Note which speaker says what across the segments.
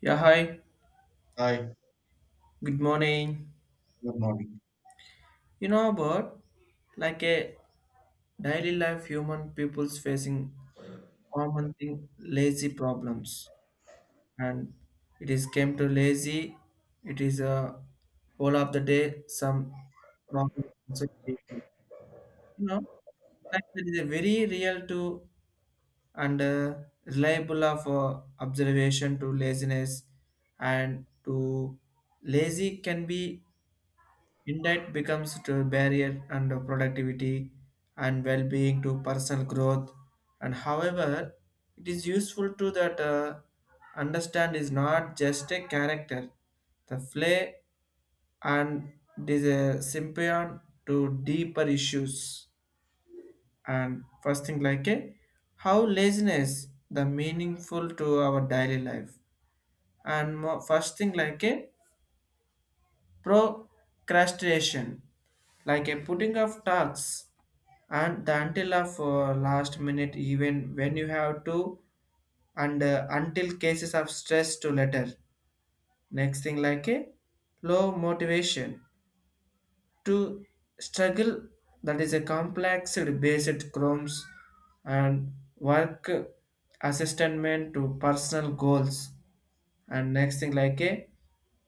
Speaker 1: Yeah, hi.
Speaker 2: Hi,
Speaker 1: Good morning.
Speaker 2: good morning.
Speaker 1: You know about like a daily life human people's facing common thing lazy problems, and it is came to lazy. It is a all of the day some problem also created. You know like it is a very real to and reliable of observation to laziness. And to lazy can be indeed becomes to barrier and productivity and well-being to personal growth. And however, it is useful to that understand is not just a character. The play and it is a symbiont to deeper issues. And first thing like a how laziness the meaningful to our daily life. And first thing like a procrastination, like a putting off tasks and the until of last minute, even when you have to and until cases of stress to letter. Next thing like a low motivation to struggle, that is a complex based chromes and work assessment to personal goals. And next thing like a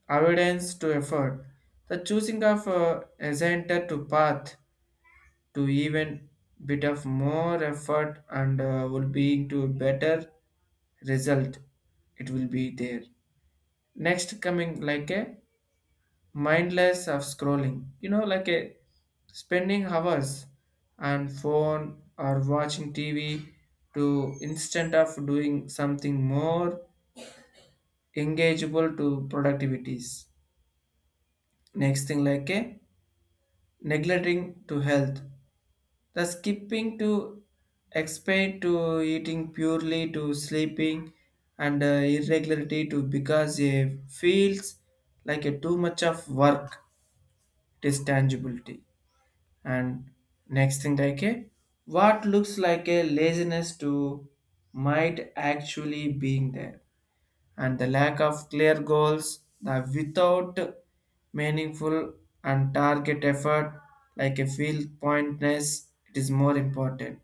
Speaker 1: avoidance to effort, the choosing of ascended to path to even bit of more effort, and will be to a better result it will be there. Next coming like a mindless of scrolling, like a spending hours on phone or watching TV to instead of doing something more engageable to productivities. Next thing like a neglecting to health, the skipping to expect to eating purely to sleeping and irregularity to because it feels like a too much of work, it is tangibility. And next thing like a what looks like a laziness to might actually being there, and the lack of clear goals the without meaningful and target effort like a feel pointless. It is more important.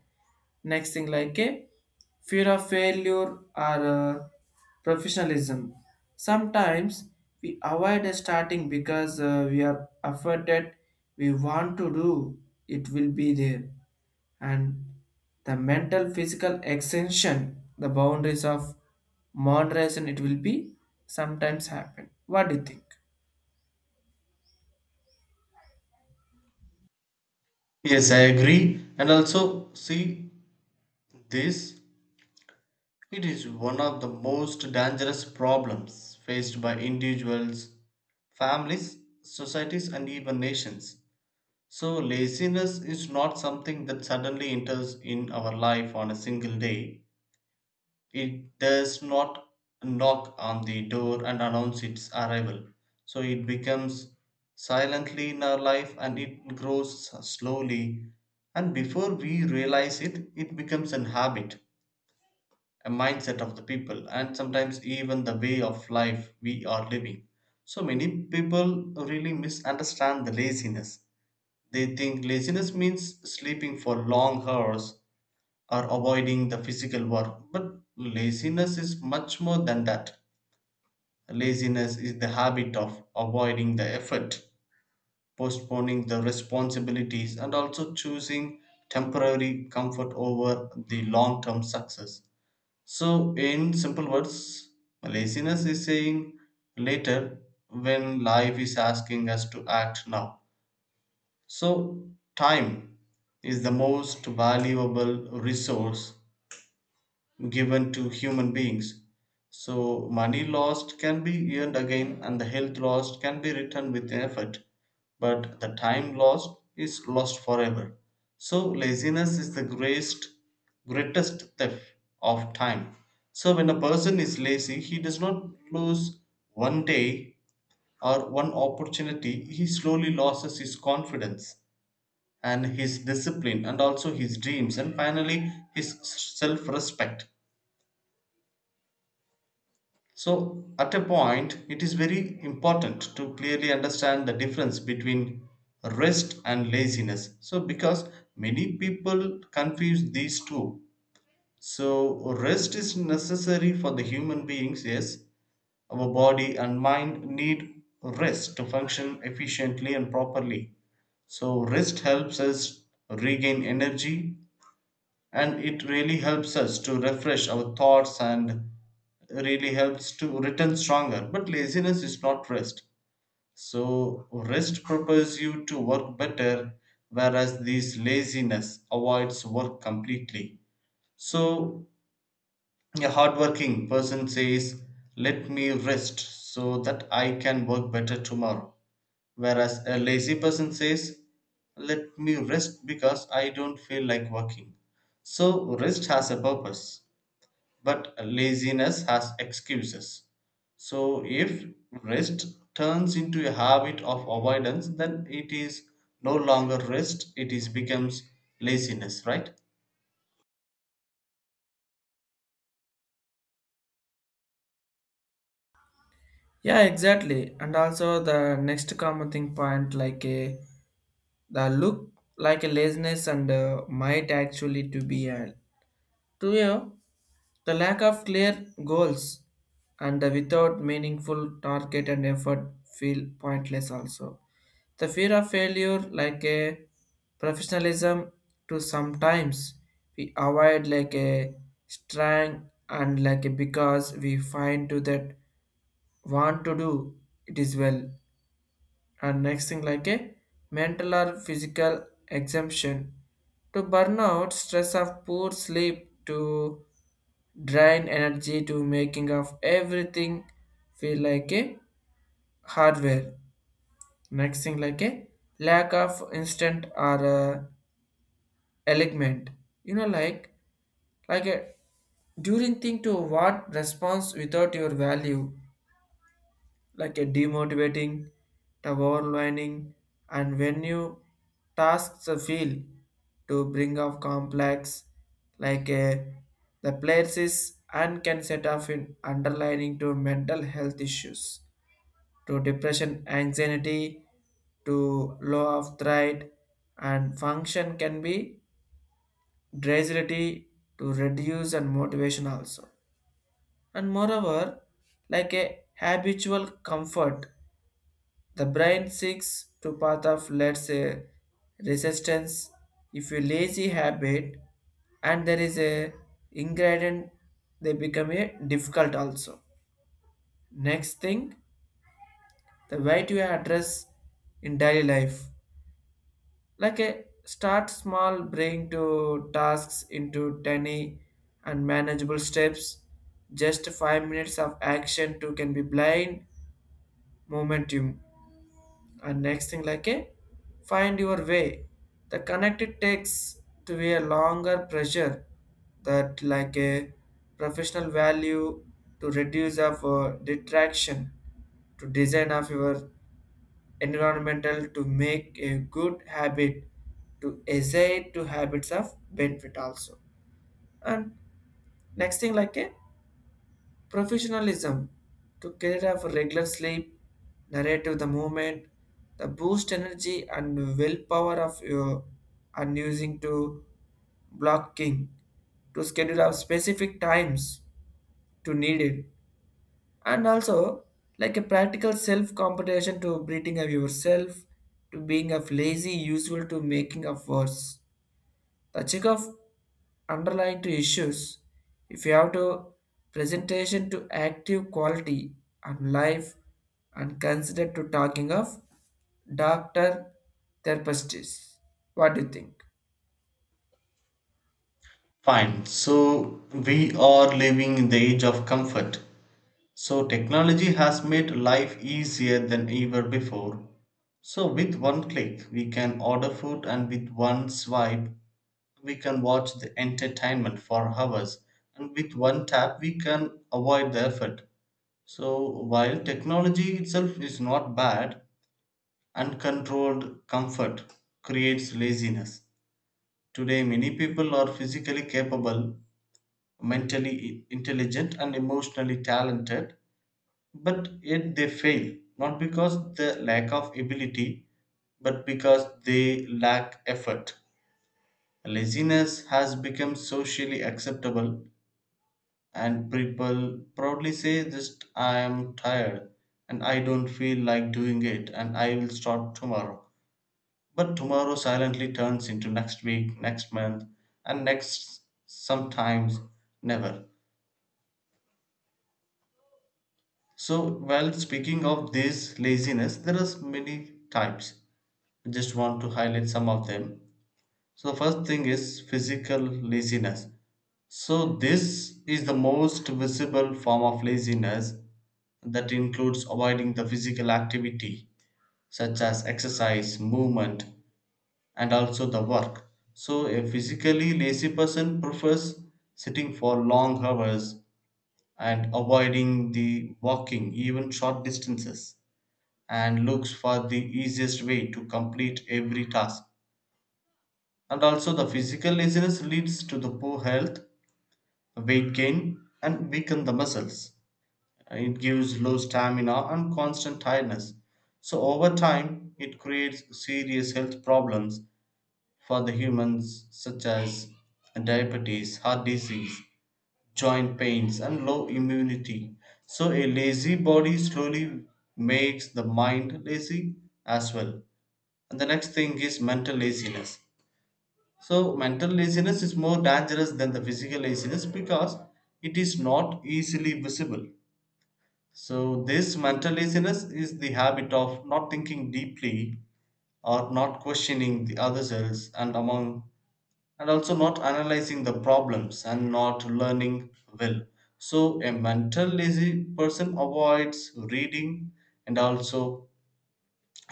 Speaker 1: Next thing like a fear of failure or professionalism. Sometimes we avoid starting because we are afraid that we want to do it will be there. And the mental physical extension the boundaries of moderation it will be sometimes happen. What do you think?
Speaker 2: Yes, I agree. And also, see this, it is one of the most dangerous problems faced by individuals, families, societies, and even nations. So, laziness is not something that suddenly enters in our life on a single day. It does not knock on the door and announce its arrival. So it becomes silently in our life and it grows slowly. And before we realize it, it becomes an habit, a mindset of the people, and sometimes even the way of life we are living. So many people really misunderstand the laziness. They think laziness means sleeping for long hours or avoiding the physical work. But laziness is much more than that. Laziness is the habit of avoiding the effort, postponing the responsibilities, and also choosing temporary comfort over the long term success. So, in simple words, laziness is saying later when life is asking us to act now. So, time is the most valuable resource given to human beings. So, money lost can be earned again, and the health lost can be returned with effort, but the time lost is lost forever. So, laziness is the greatest, greatest theft of time. So, when a person is lazy, he does not lose one day or one opportunity, he slowly loses his confidence and his discipline and also his dreams and finally his self respect. So, at a point, it is very important to clearly understand the difference between rest and laziness. So, because many people confuse these two. So, rest is necessary for the human beings, yes. Our body and mind need rest to function efficiently and properly. So, rest helps us regain energy and it really helps us to refresh our thoughts and really helps to return stronger, but laziness is not rest. So rest prepares you to work better, whereas this laziness avoids work completely. So a hardworking person says, let me rest so that I can work better tomorrow. Whereas a lazy person says, let me rest because I don't feel like working. So, rest has a purpose, but laziness has excuses. So, if rest turns into a habit of avoidance, then it is no longer rest, it is becomes laziness, right?
Speaker 1: Yeah, exactly. And also the next common thing point like a the look like a laziness and might actually to be a to you, the lack of clear goals and the without meaningful target and effort feel pointless also. The fear of failure like a professionalism to sometimes we avoid like a strength, and like a because we find to that want to do it is well. And next thing like a mental or physical exemption to burnout stress of poor sleep to drain energy to making of everything feel like a hardware. Next thing like a lack of instant or element, you know like like a during thing to what response without your value, like a demotivating, the overlining, and when you tasks a feel to bring up complex, like a the places and can set off in underlining to mental health issues, to depression, anxiety, to low of threat, and function can be dragility to reduce and motivation also. And moreover, like a habitual comfort the brain seeks to path of let's a resistance. If you lazy habit, and there is a ingredient, they become a difficult also. Next thing, the way to address in daily life. Like a start small, bring to tasks into tiny and manageable steps. Just 5 minutes of action to can be blind momentum. And next thing like a find your way the connected takes to be a longer pressure, that like a professional value to reduce of detraction, to design of your environmental to make a good habit, to essay to habits of benefit also. And next thing like a professionalism to care of regular sleep, narrative the movement, the boost energy and willpower of your, and using to blocking to schedule of specific times to need it. And also like a practical self competition to breathing of yourself, to being of lazy useful to making of worse, the check of underlying to issues, if you have to presentation to active quality and life, and consider to talking of doctor, therapists. What do you think?
Speaker 2: Fine. So, we are living in the age of comfort. So, technology has made life easier than ever before. So, with one click, we can order food, and with one swipe, we can watch the entertainment for hours. And with one tap, we can avoid the effort. So, while technology itself is not bad, uncontrolled comfort creates laziness. Today, many people are physically capable, mentally intelligent, and emotionally talented, but yet they fail not because the lack of ability, but because they lack effort. Laziness has become socially acceptable and people proudly say, just I am tired and I don't feel like doing it and I will start tomorrow. But tomorrow silently turns into next week, next month, and next, sometimes never. So, while speaking of this laziness, there are many types. I just want to highlight some of them. So, the first thing is physical laziness. So, this is the most visible form of laziness that includes avoiding the physical activity such as exercise, movement, and also the work. So, a physically lazy person prefers sitting for long hours and avoiding the walking even short distances and looks for the easiest way to complete every task. And also the physical laziness leads to the poor health, weight gain, and weaken the muscles. It gives low stamina and constant tiredness. So over time it creates serious health problems for the humans such as diabetes, heart disease, joint pains, and low immunity. So, a lazy body slowly makes the mind lazy as well. And the next thing is mental laziness. So, mental laziness is more dangerous than the physical laziness because it is not easily visible. So, this mental laziness is the habit of not thinking deeply or not questioning the other selves and among, and also not analyzing the problems and not learning well. So, a mental lazy person avoids reading, and also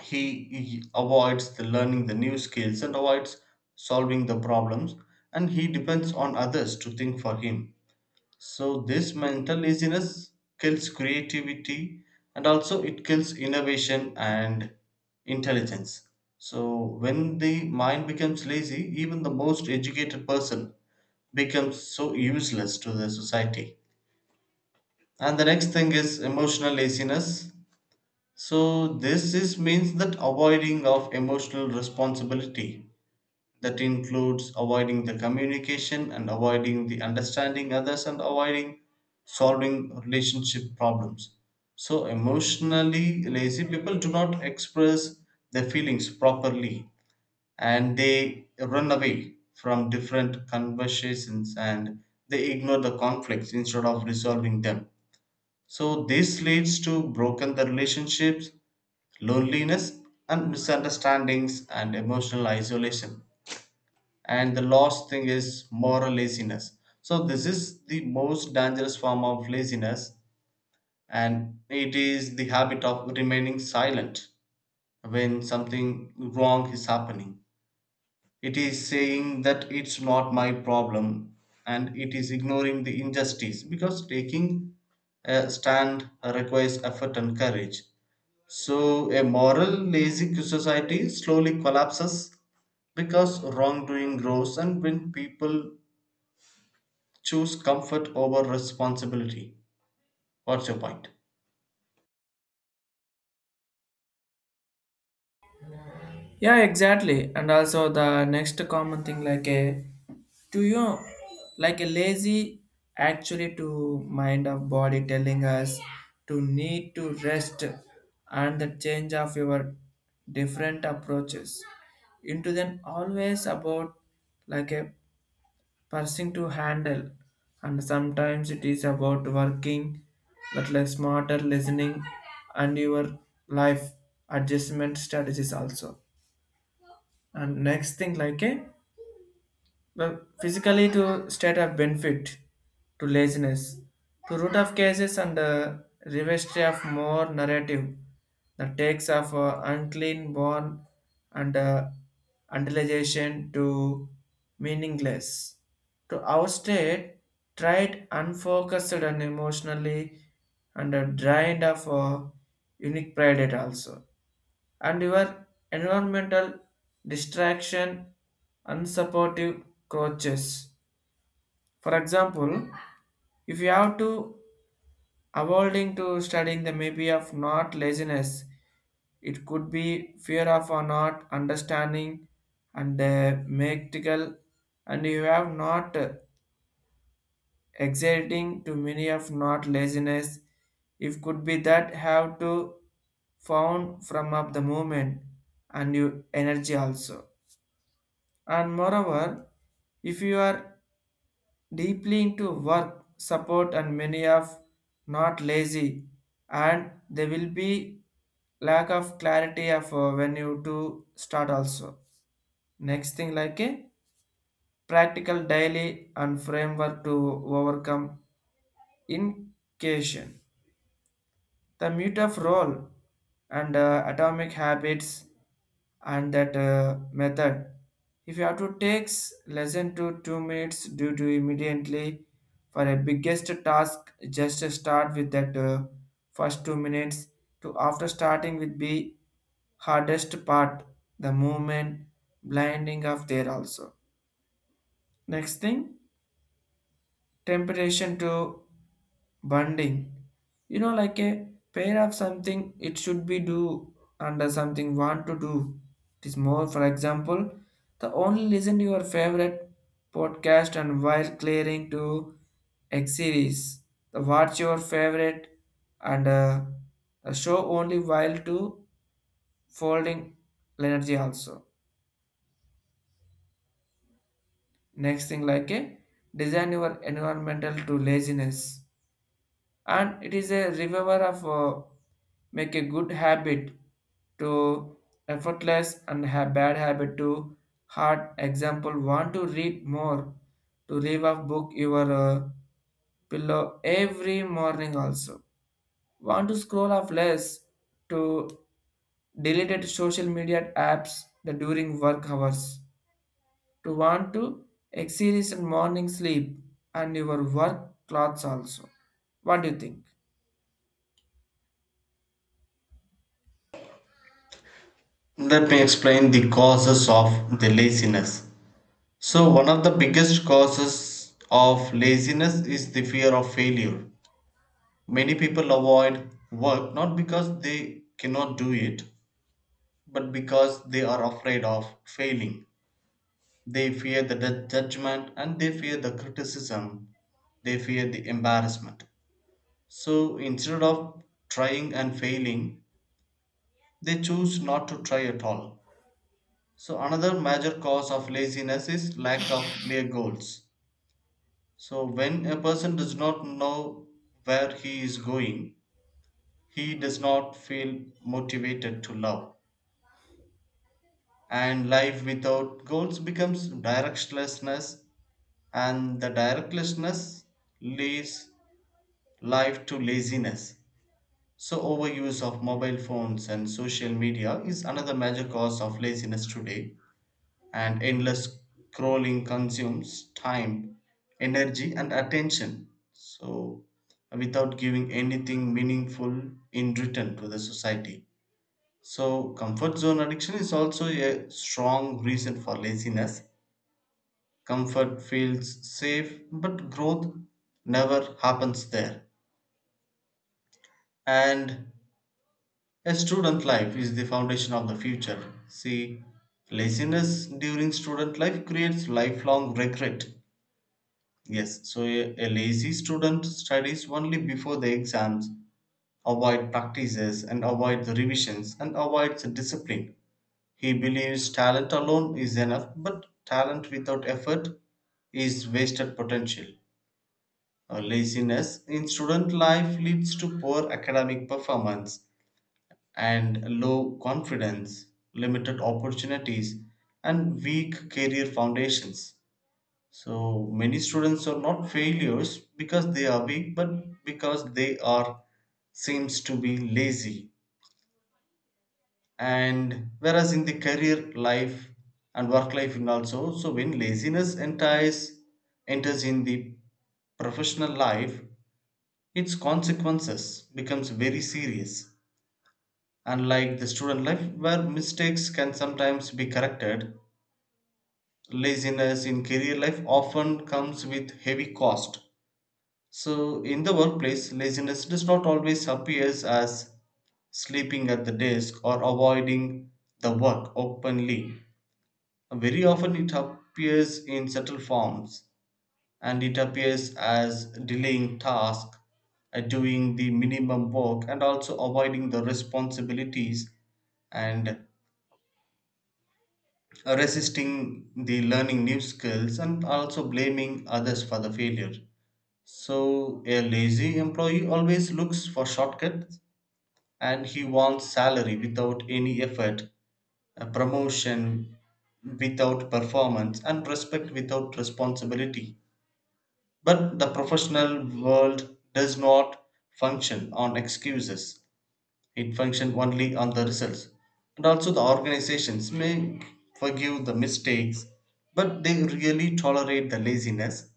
Speaker 2: he avoids the learning the new skills and avoids solving the problems, and he depends on others to think for him. So this mental laziness kills creativity and also it kills innovation and intelligence. So when the mind becomes lazy, even the most educated person becomes so useless to the society. And the next thing is emotional laziness. So this is means that avoiding of emotional responsibility that includes avoiding the communication and avoiding the understanding others and avoiding solving relationship problems. So emotionally lazy people do not express their feelings properly and they run away from different conversations and they ignore the conflicts instead of resolving them. So this leads to broken the relationships, loneliness, and misunderstandings and emotional isolation. And the last thing is moral laziness. So this is the most dangerous form of laziness and it is the habit of remaining silent when something wrong is happening. It is saying that it's not my problem, and it is ignoring the injustice because taking a stand requires effort and courage. So a moral lazy society slowly collapses because wrongdoing grows and when people choose comfort over responsibility. What's your point?
Speaker 1: Yeah, exactly. And also the next common thing like a to you, like a lazy actually to mind of body telling us to need to rest, and the change of your different approaches into then always about like a person to handle. And sometimes it is about working but like smarter listening, and your life adjustment strategies also. And next thing, like a well, physically to state of benefit to laziness, to root of cases and revestry of more narrative, the takes of unclean born and utilization to meaningless, to outstate tried unfocused and emotionally and drained of unique pride it also, and your environmental distraction unsupportive coaches. For example, if you have to avoiding to studying, the maybe of not laziness, it could be fear of or not understanding and mechanical. And you have not exerting to many of not laziness. If could be that have to found from up the movement and your energy also. And moreover, if you are deeply into work, support, and many of not lazy, and there will be lack of clarity of when you to start also. Next thing like a practical daily and framework to overcome incation. The mute of role and atomic habits, and that method, if you have to takes less than to 2 minutes due to immediately, for a biggest task just to start with that first 2 minutes, to after starting with be hardest part the movement blinding of there also. Next thing, temptation to bonding, like a pair of something it should be do under something want to do. It is more, for example, the only listen to your favorite podcast and while clearing to x series, the watch your favorite and the show only while to folding energy also. Next thing like a design your environmental to laziness, and it is a reviver of make a good habit to effortless and bad habit to hard. Example, want to read more, to leave off book your pillow every morning also. Want to scroll off less, to deleted social media apps the during work hours. To want to exercise and morning sleep, and your work clothes also. What do you think?
Speaker 2: Let me explain the causes of the laziness. So, one of the biggest causes of laziness is the fear of failure. Many people avoid work not because they cannot do it, but because they are afraid of failing. They fear the judgment and they fear the criticism, they fear the embarrassment. So, instead of trying and failing, they choose not to try at all. So, another major cause of laziness is lack of clear goals. So, when a person does not know where he is going, he does not feel motivated to love. And life without goals becomes directionlessness, and the directionlessness leads life to laziness. So, overuse of mobile phones and social media is another major cause of laziness today, and endless scrolling consumes time, energy, and attention. So, without giving anything meaningful in return to the society. So, comfort zone addiction is also a strong reason for laziness. Comfort feels safe, but growth never happens there. And a student life is the foundation of the future. See, laziness during student life creates lifelong regret. Yes, so a lazy student studies only before the exams, avoid practices and avoid the revisions and avoids the discipline. He believes talent alone is enough, but talent without effort is wasted potential. Laziness in student life leads to poor academic performance and low confidence, limited opportunities, and weak career foundations. So many students are not failures because they are weak, but because they are seems to be lazy. And whereas in the career life and work life in also, so when laziness enters in the professional life, its consequences becomes very serious. Unlike the student life where mistakes can sometimes be corrected, laziness in career life often comes with heavy cost. So, in the workplace, laziness does not always appears as sleeping at the desk or avoiding the work openly. Very often, it appears in subtle forms and it appears as delaying tasks, doing the minimum work, and also avoiding the responsibilities and resisting the learning new skills and also blaming others for the failure. So a lazy employee always looks for shortcuts and he wants salary without any effort, a promotion without performance, and respect without responsibility. But the professional world does not function on excuses, it functions only on the results. And also, the organizations may forgive the mistakes, but they really tolerate the laziness,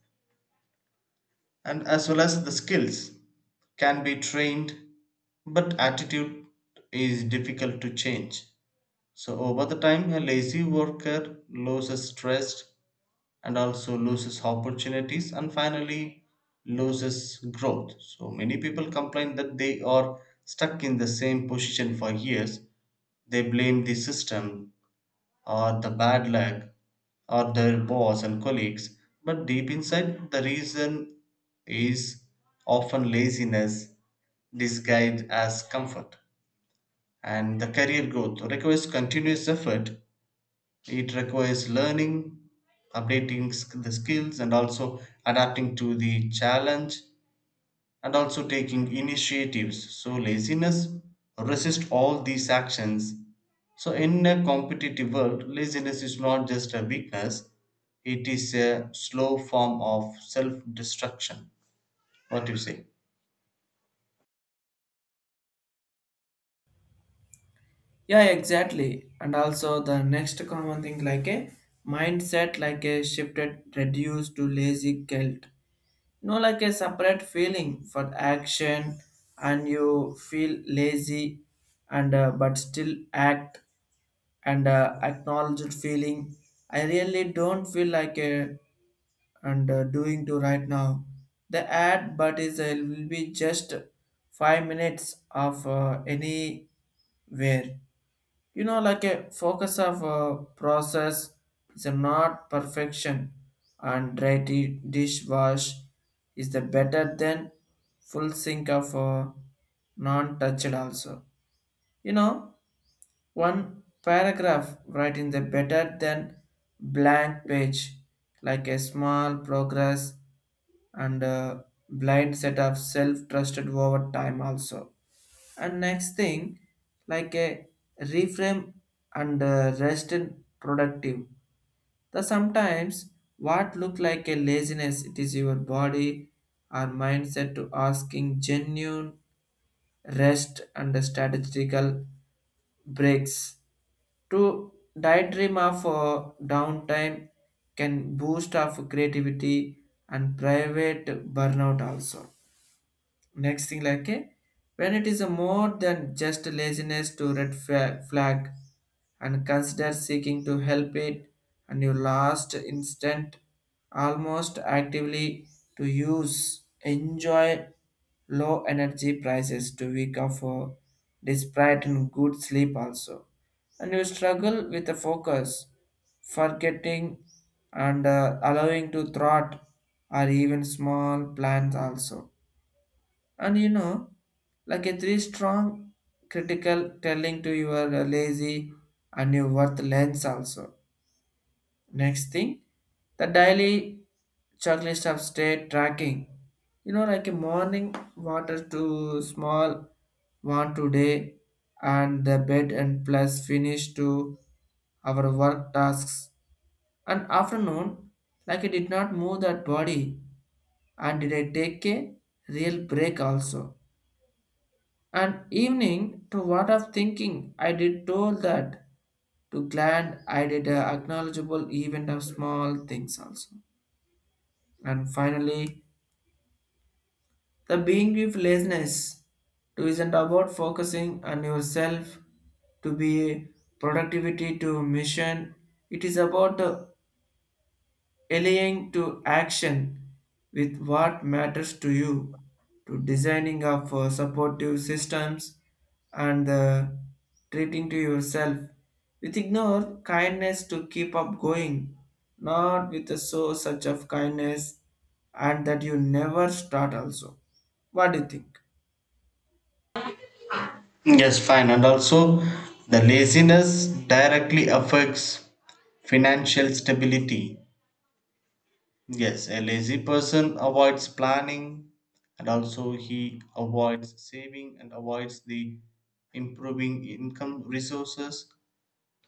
Speaker 2: and as well as the skills can be trained, but attitude is difficult to change. So over the time a lazy worker loses stress and also loses opportunities and finally loses growth. So many people complain that they are stuck in the same position for years. They blame the system or the bad luck or their boss and colleagues, but deep inside, the reason is often laziness disguised as comfort. And the career growth requires continuous effort, it requires learning, updating the skills, and also adapting to the challenge and also taking initiatives. So, laziness resists all these actions. So, in a competitive world, laziness is not just a weakness, it is a slow form of self destruction. What do you say?
Speaker 1: Yeah, exactly. And also the next common thing like a mindset like a shifted reduced to lazy guilt. You like a separate feeling for action and you feel lazy and but still act and acknowledged feeling. I really don't feel like a and doing to right now. The ad but is will be just 5 minutes of anywhere. You know like a focus of a process is a not perfection, and dry dishwash is the better than full sink of a non-touched also. You know, one paragraph writing the better than blank page, like a small progress and a blind set of self-trusted over time also. And next thing like a reframe and rest in productive. The sometimes what look like a laziness, it is your body or mindset to asking genuine rest and strategical breaks, to daydream of downtime can boost of creativity and private burnout also. Next thing like a when it is a more than just laziness to red flag, and consider seeking to help it. And you last instant almost actively to use enjoy low energy prices to week of despite and good sleep also. And you struggle with the focus, forgetting and allowing to thought or even small plans also. And like a three strong critical telling to your lazy and your worth lens also. Next thing, the daily checklist of state tracking, like a morning water to small one today, and the bed and plus finish to our work tasks. And afternoon, like I did not move that body, and did I take a real break also. And evening to what of thinking, I did told that to glad I did a acknowledgeable event of small things also. And finally, the being with laziness to isn't about focusing on yourself to be productivity to mission. It is about the alien to action with what matters to you, to designing of supportive systems and treating to yourself with ignore kindness to keep up going, not with a so such of kindness and that you never start also. What do you think?
Speaker 2: Yes, fine. And also, the laziness directly affects financial stability. Yes, a lazy person avoids planning and also he avoids saving and avoids the improving income resources.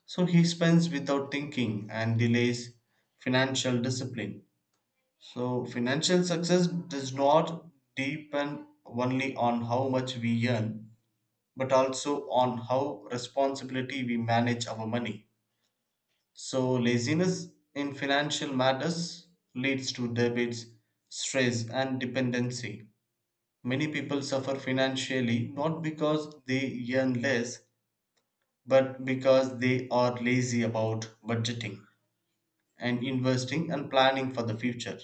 Speaker 2: So he spends without thinking and delays financial discipline. So financial success does not depend only on how much we earn, but also on how responsibility we manage our money. So, laziness in financial matters leads to debits, stress, and dependency. Many people suffer financially not because they earn less, but because they are lazy about budgeting and investing and planning for the future.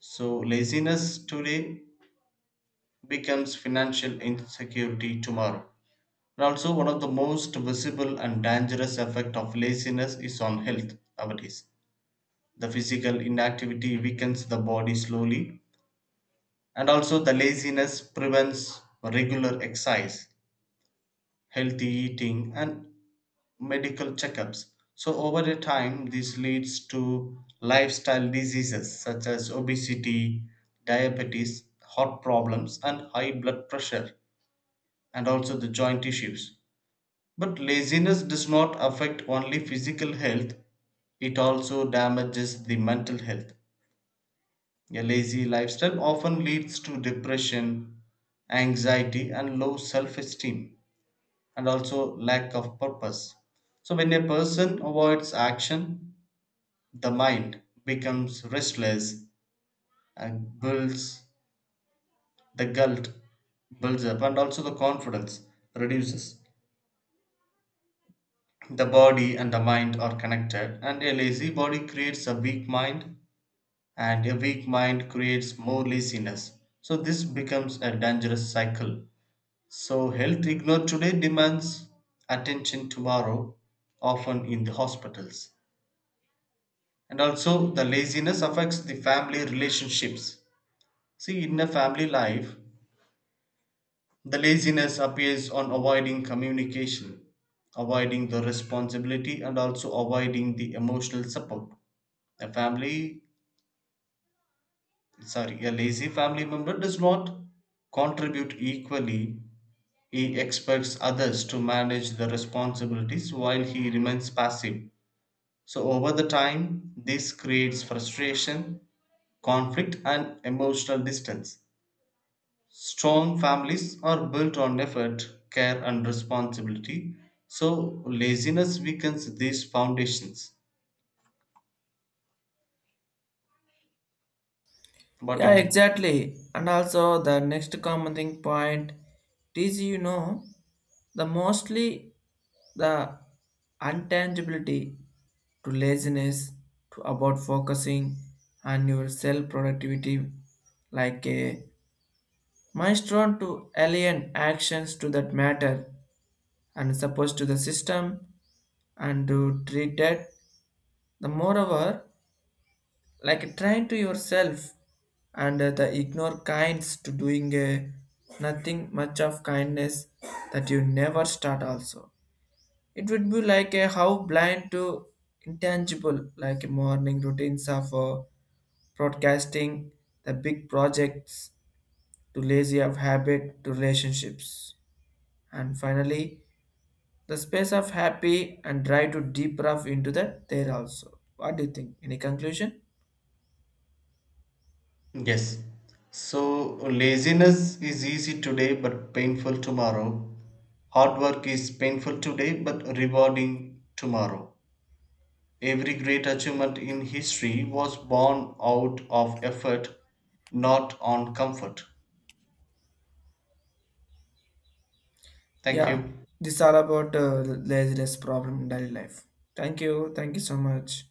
Speaker 2: So, laziness today becomes financial insecurity tomorrow. And also, one of the most visible and dangerous effect of laziness is on health nowadays. The physical inactivity weakens the body slowly, and also the laziness prevents regular exercise, healthy eating, and medical checkups. So, over the time, this leads to lifestyle diseases such as obesity, diabetes, heart problems, and high blood pressure, and also the joint issues. But laziness does not affect only physical health, it also damages the mental health. A lazy lifestyle often leads to depression, anxiety, and low self esteem, and also lack of purpose. So, when a person avoids action, the mind becomes restless and builds the guilt builds up, and also the confidence reduces. The body and the mind are connected, and a lazy body creates a weak mind, and a weak mind creates more laziness. So, this becomes a dangerous cycle. So, health ignored today demands attention tomorrow, often in the hospitals. And also, the laziness affects the family relationships. See, in a family life, the laziness appears on avoiding communication, avoiding the responsibility, and also avoiding the emotional support. A family, sorry, a lazy family member does not contribute equally. He expects others to manage the responsibilities while he remains passive. So over the time, this creates frustration, conflict, and emotional distance. Strong families are built on effort, care, and responsibility. So laziness weakens these foundations. What do
Speaker 1: Yeah,
Speaker 2: you think?
Speaker 1: exactly. And also the next common thing point is, the mostly the untangibility to laziness to about focusing on your self productivity, like a milestone to alien actions to that matter, and supposed to the system and to treat it. The moreover, like trying to yourself and the ignore kinds to doing nothing much of kindness that you never start also. It would be like a how blind to intangible like morning routines of broadcasting the big projects to lazy of habit to relationships. And finally, the space of happy and try to deep rough into that there also. What do you think? Any conclusion?
Speaker 2: Yes. So laziness is easy today but painful tomorrow. Hard work is painful today but rewarding tomorrow. Every great achievement in history was born out of effort, not on comfort. Thank
Speaker 1: Yeah,
Speaker 2: you.
Speaker 1: this all about laziness problem in daily life. Thank you. Thank you so much.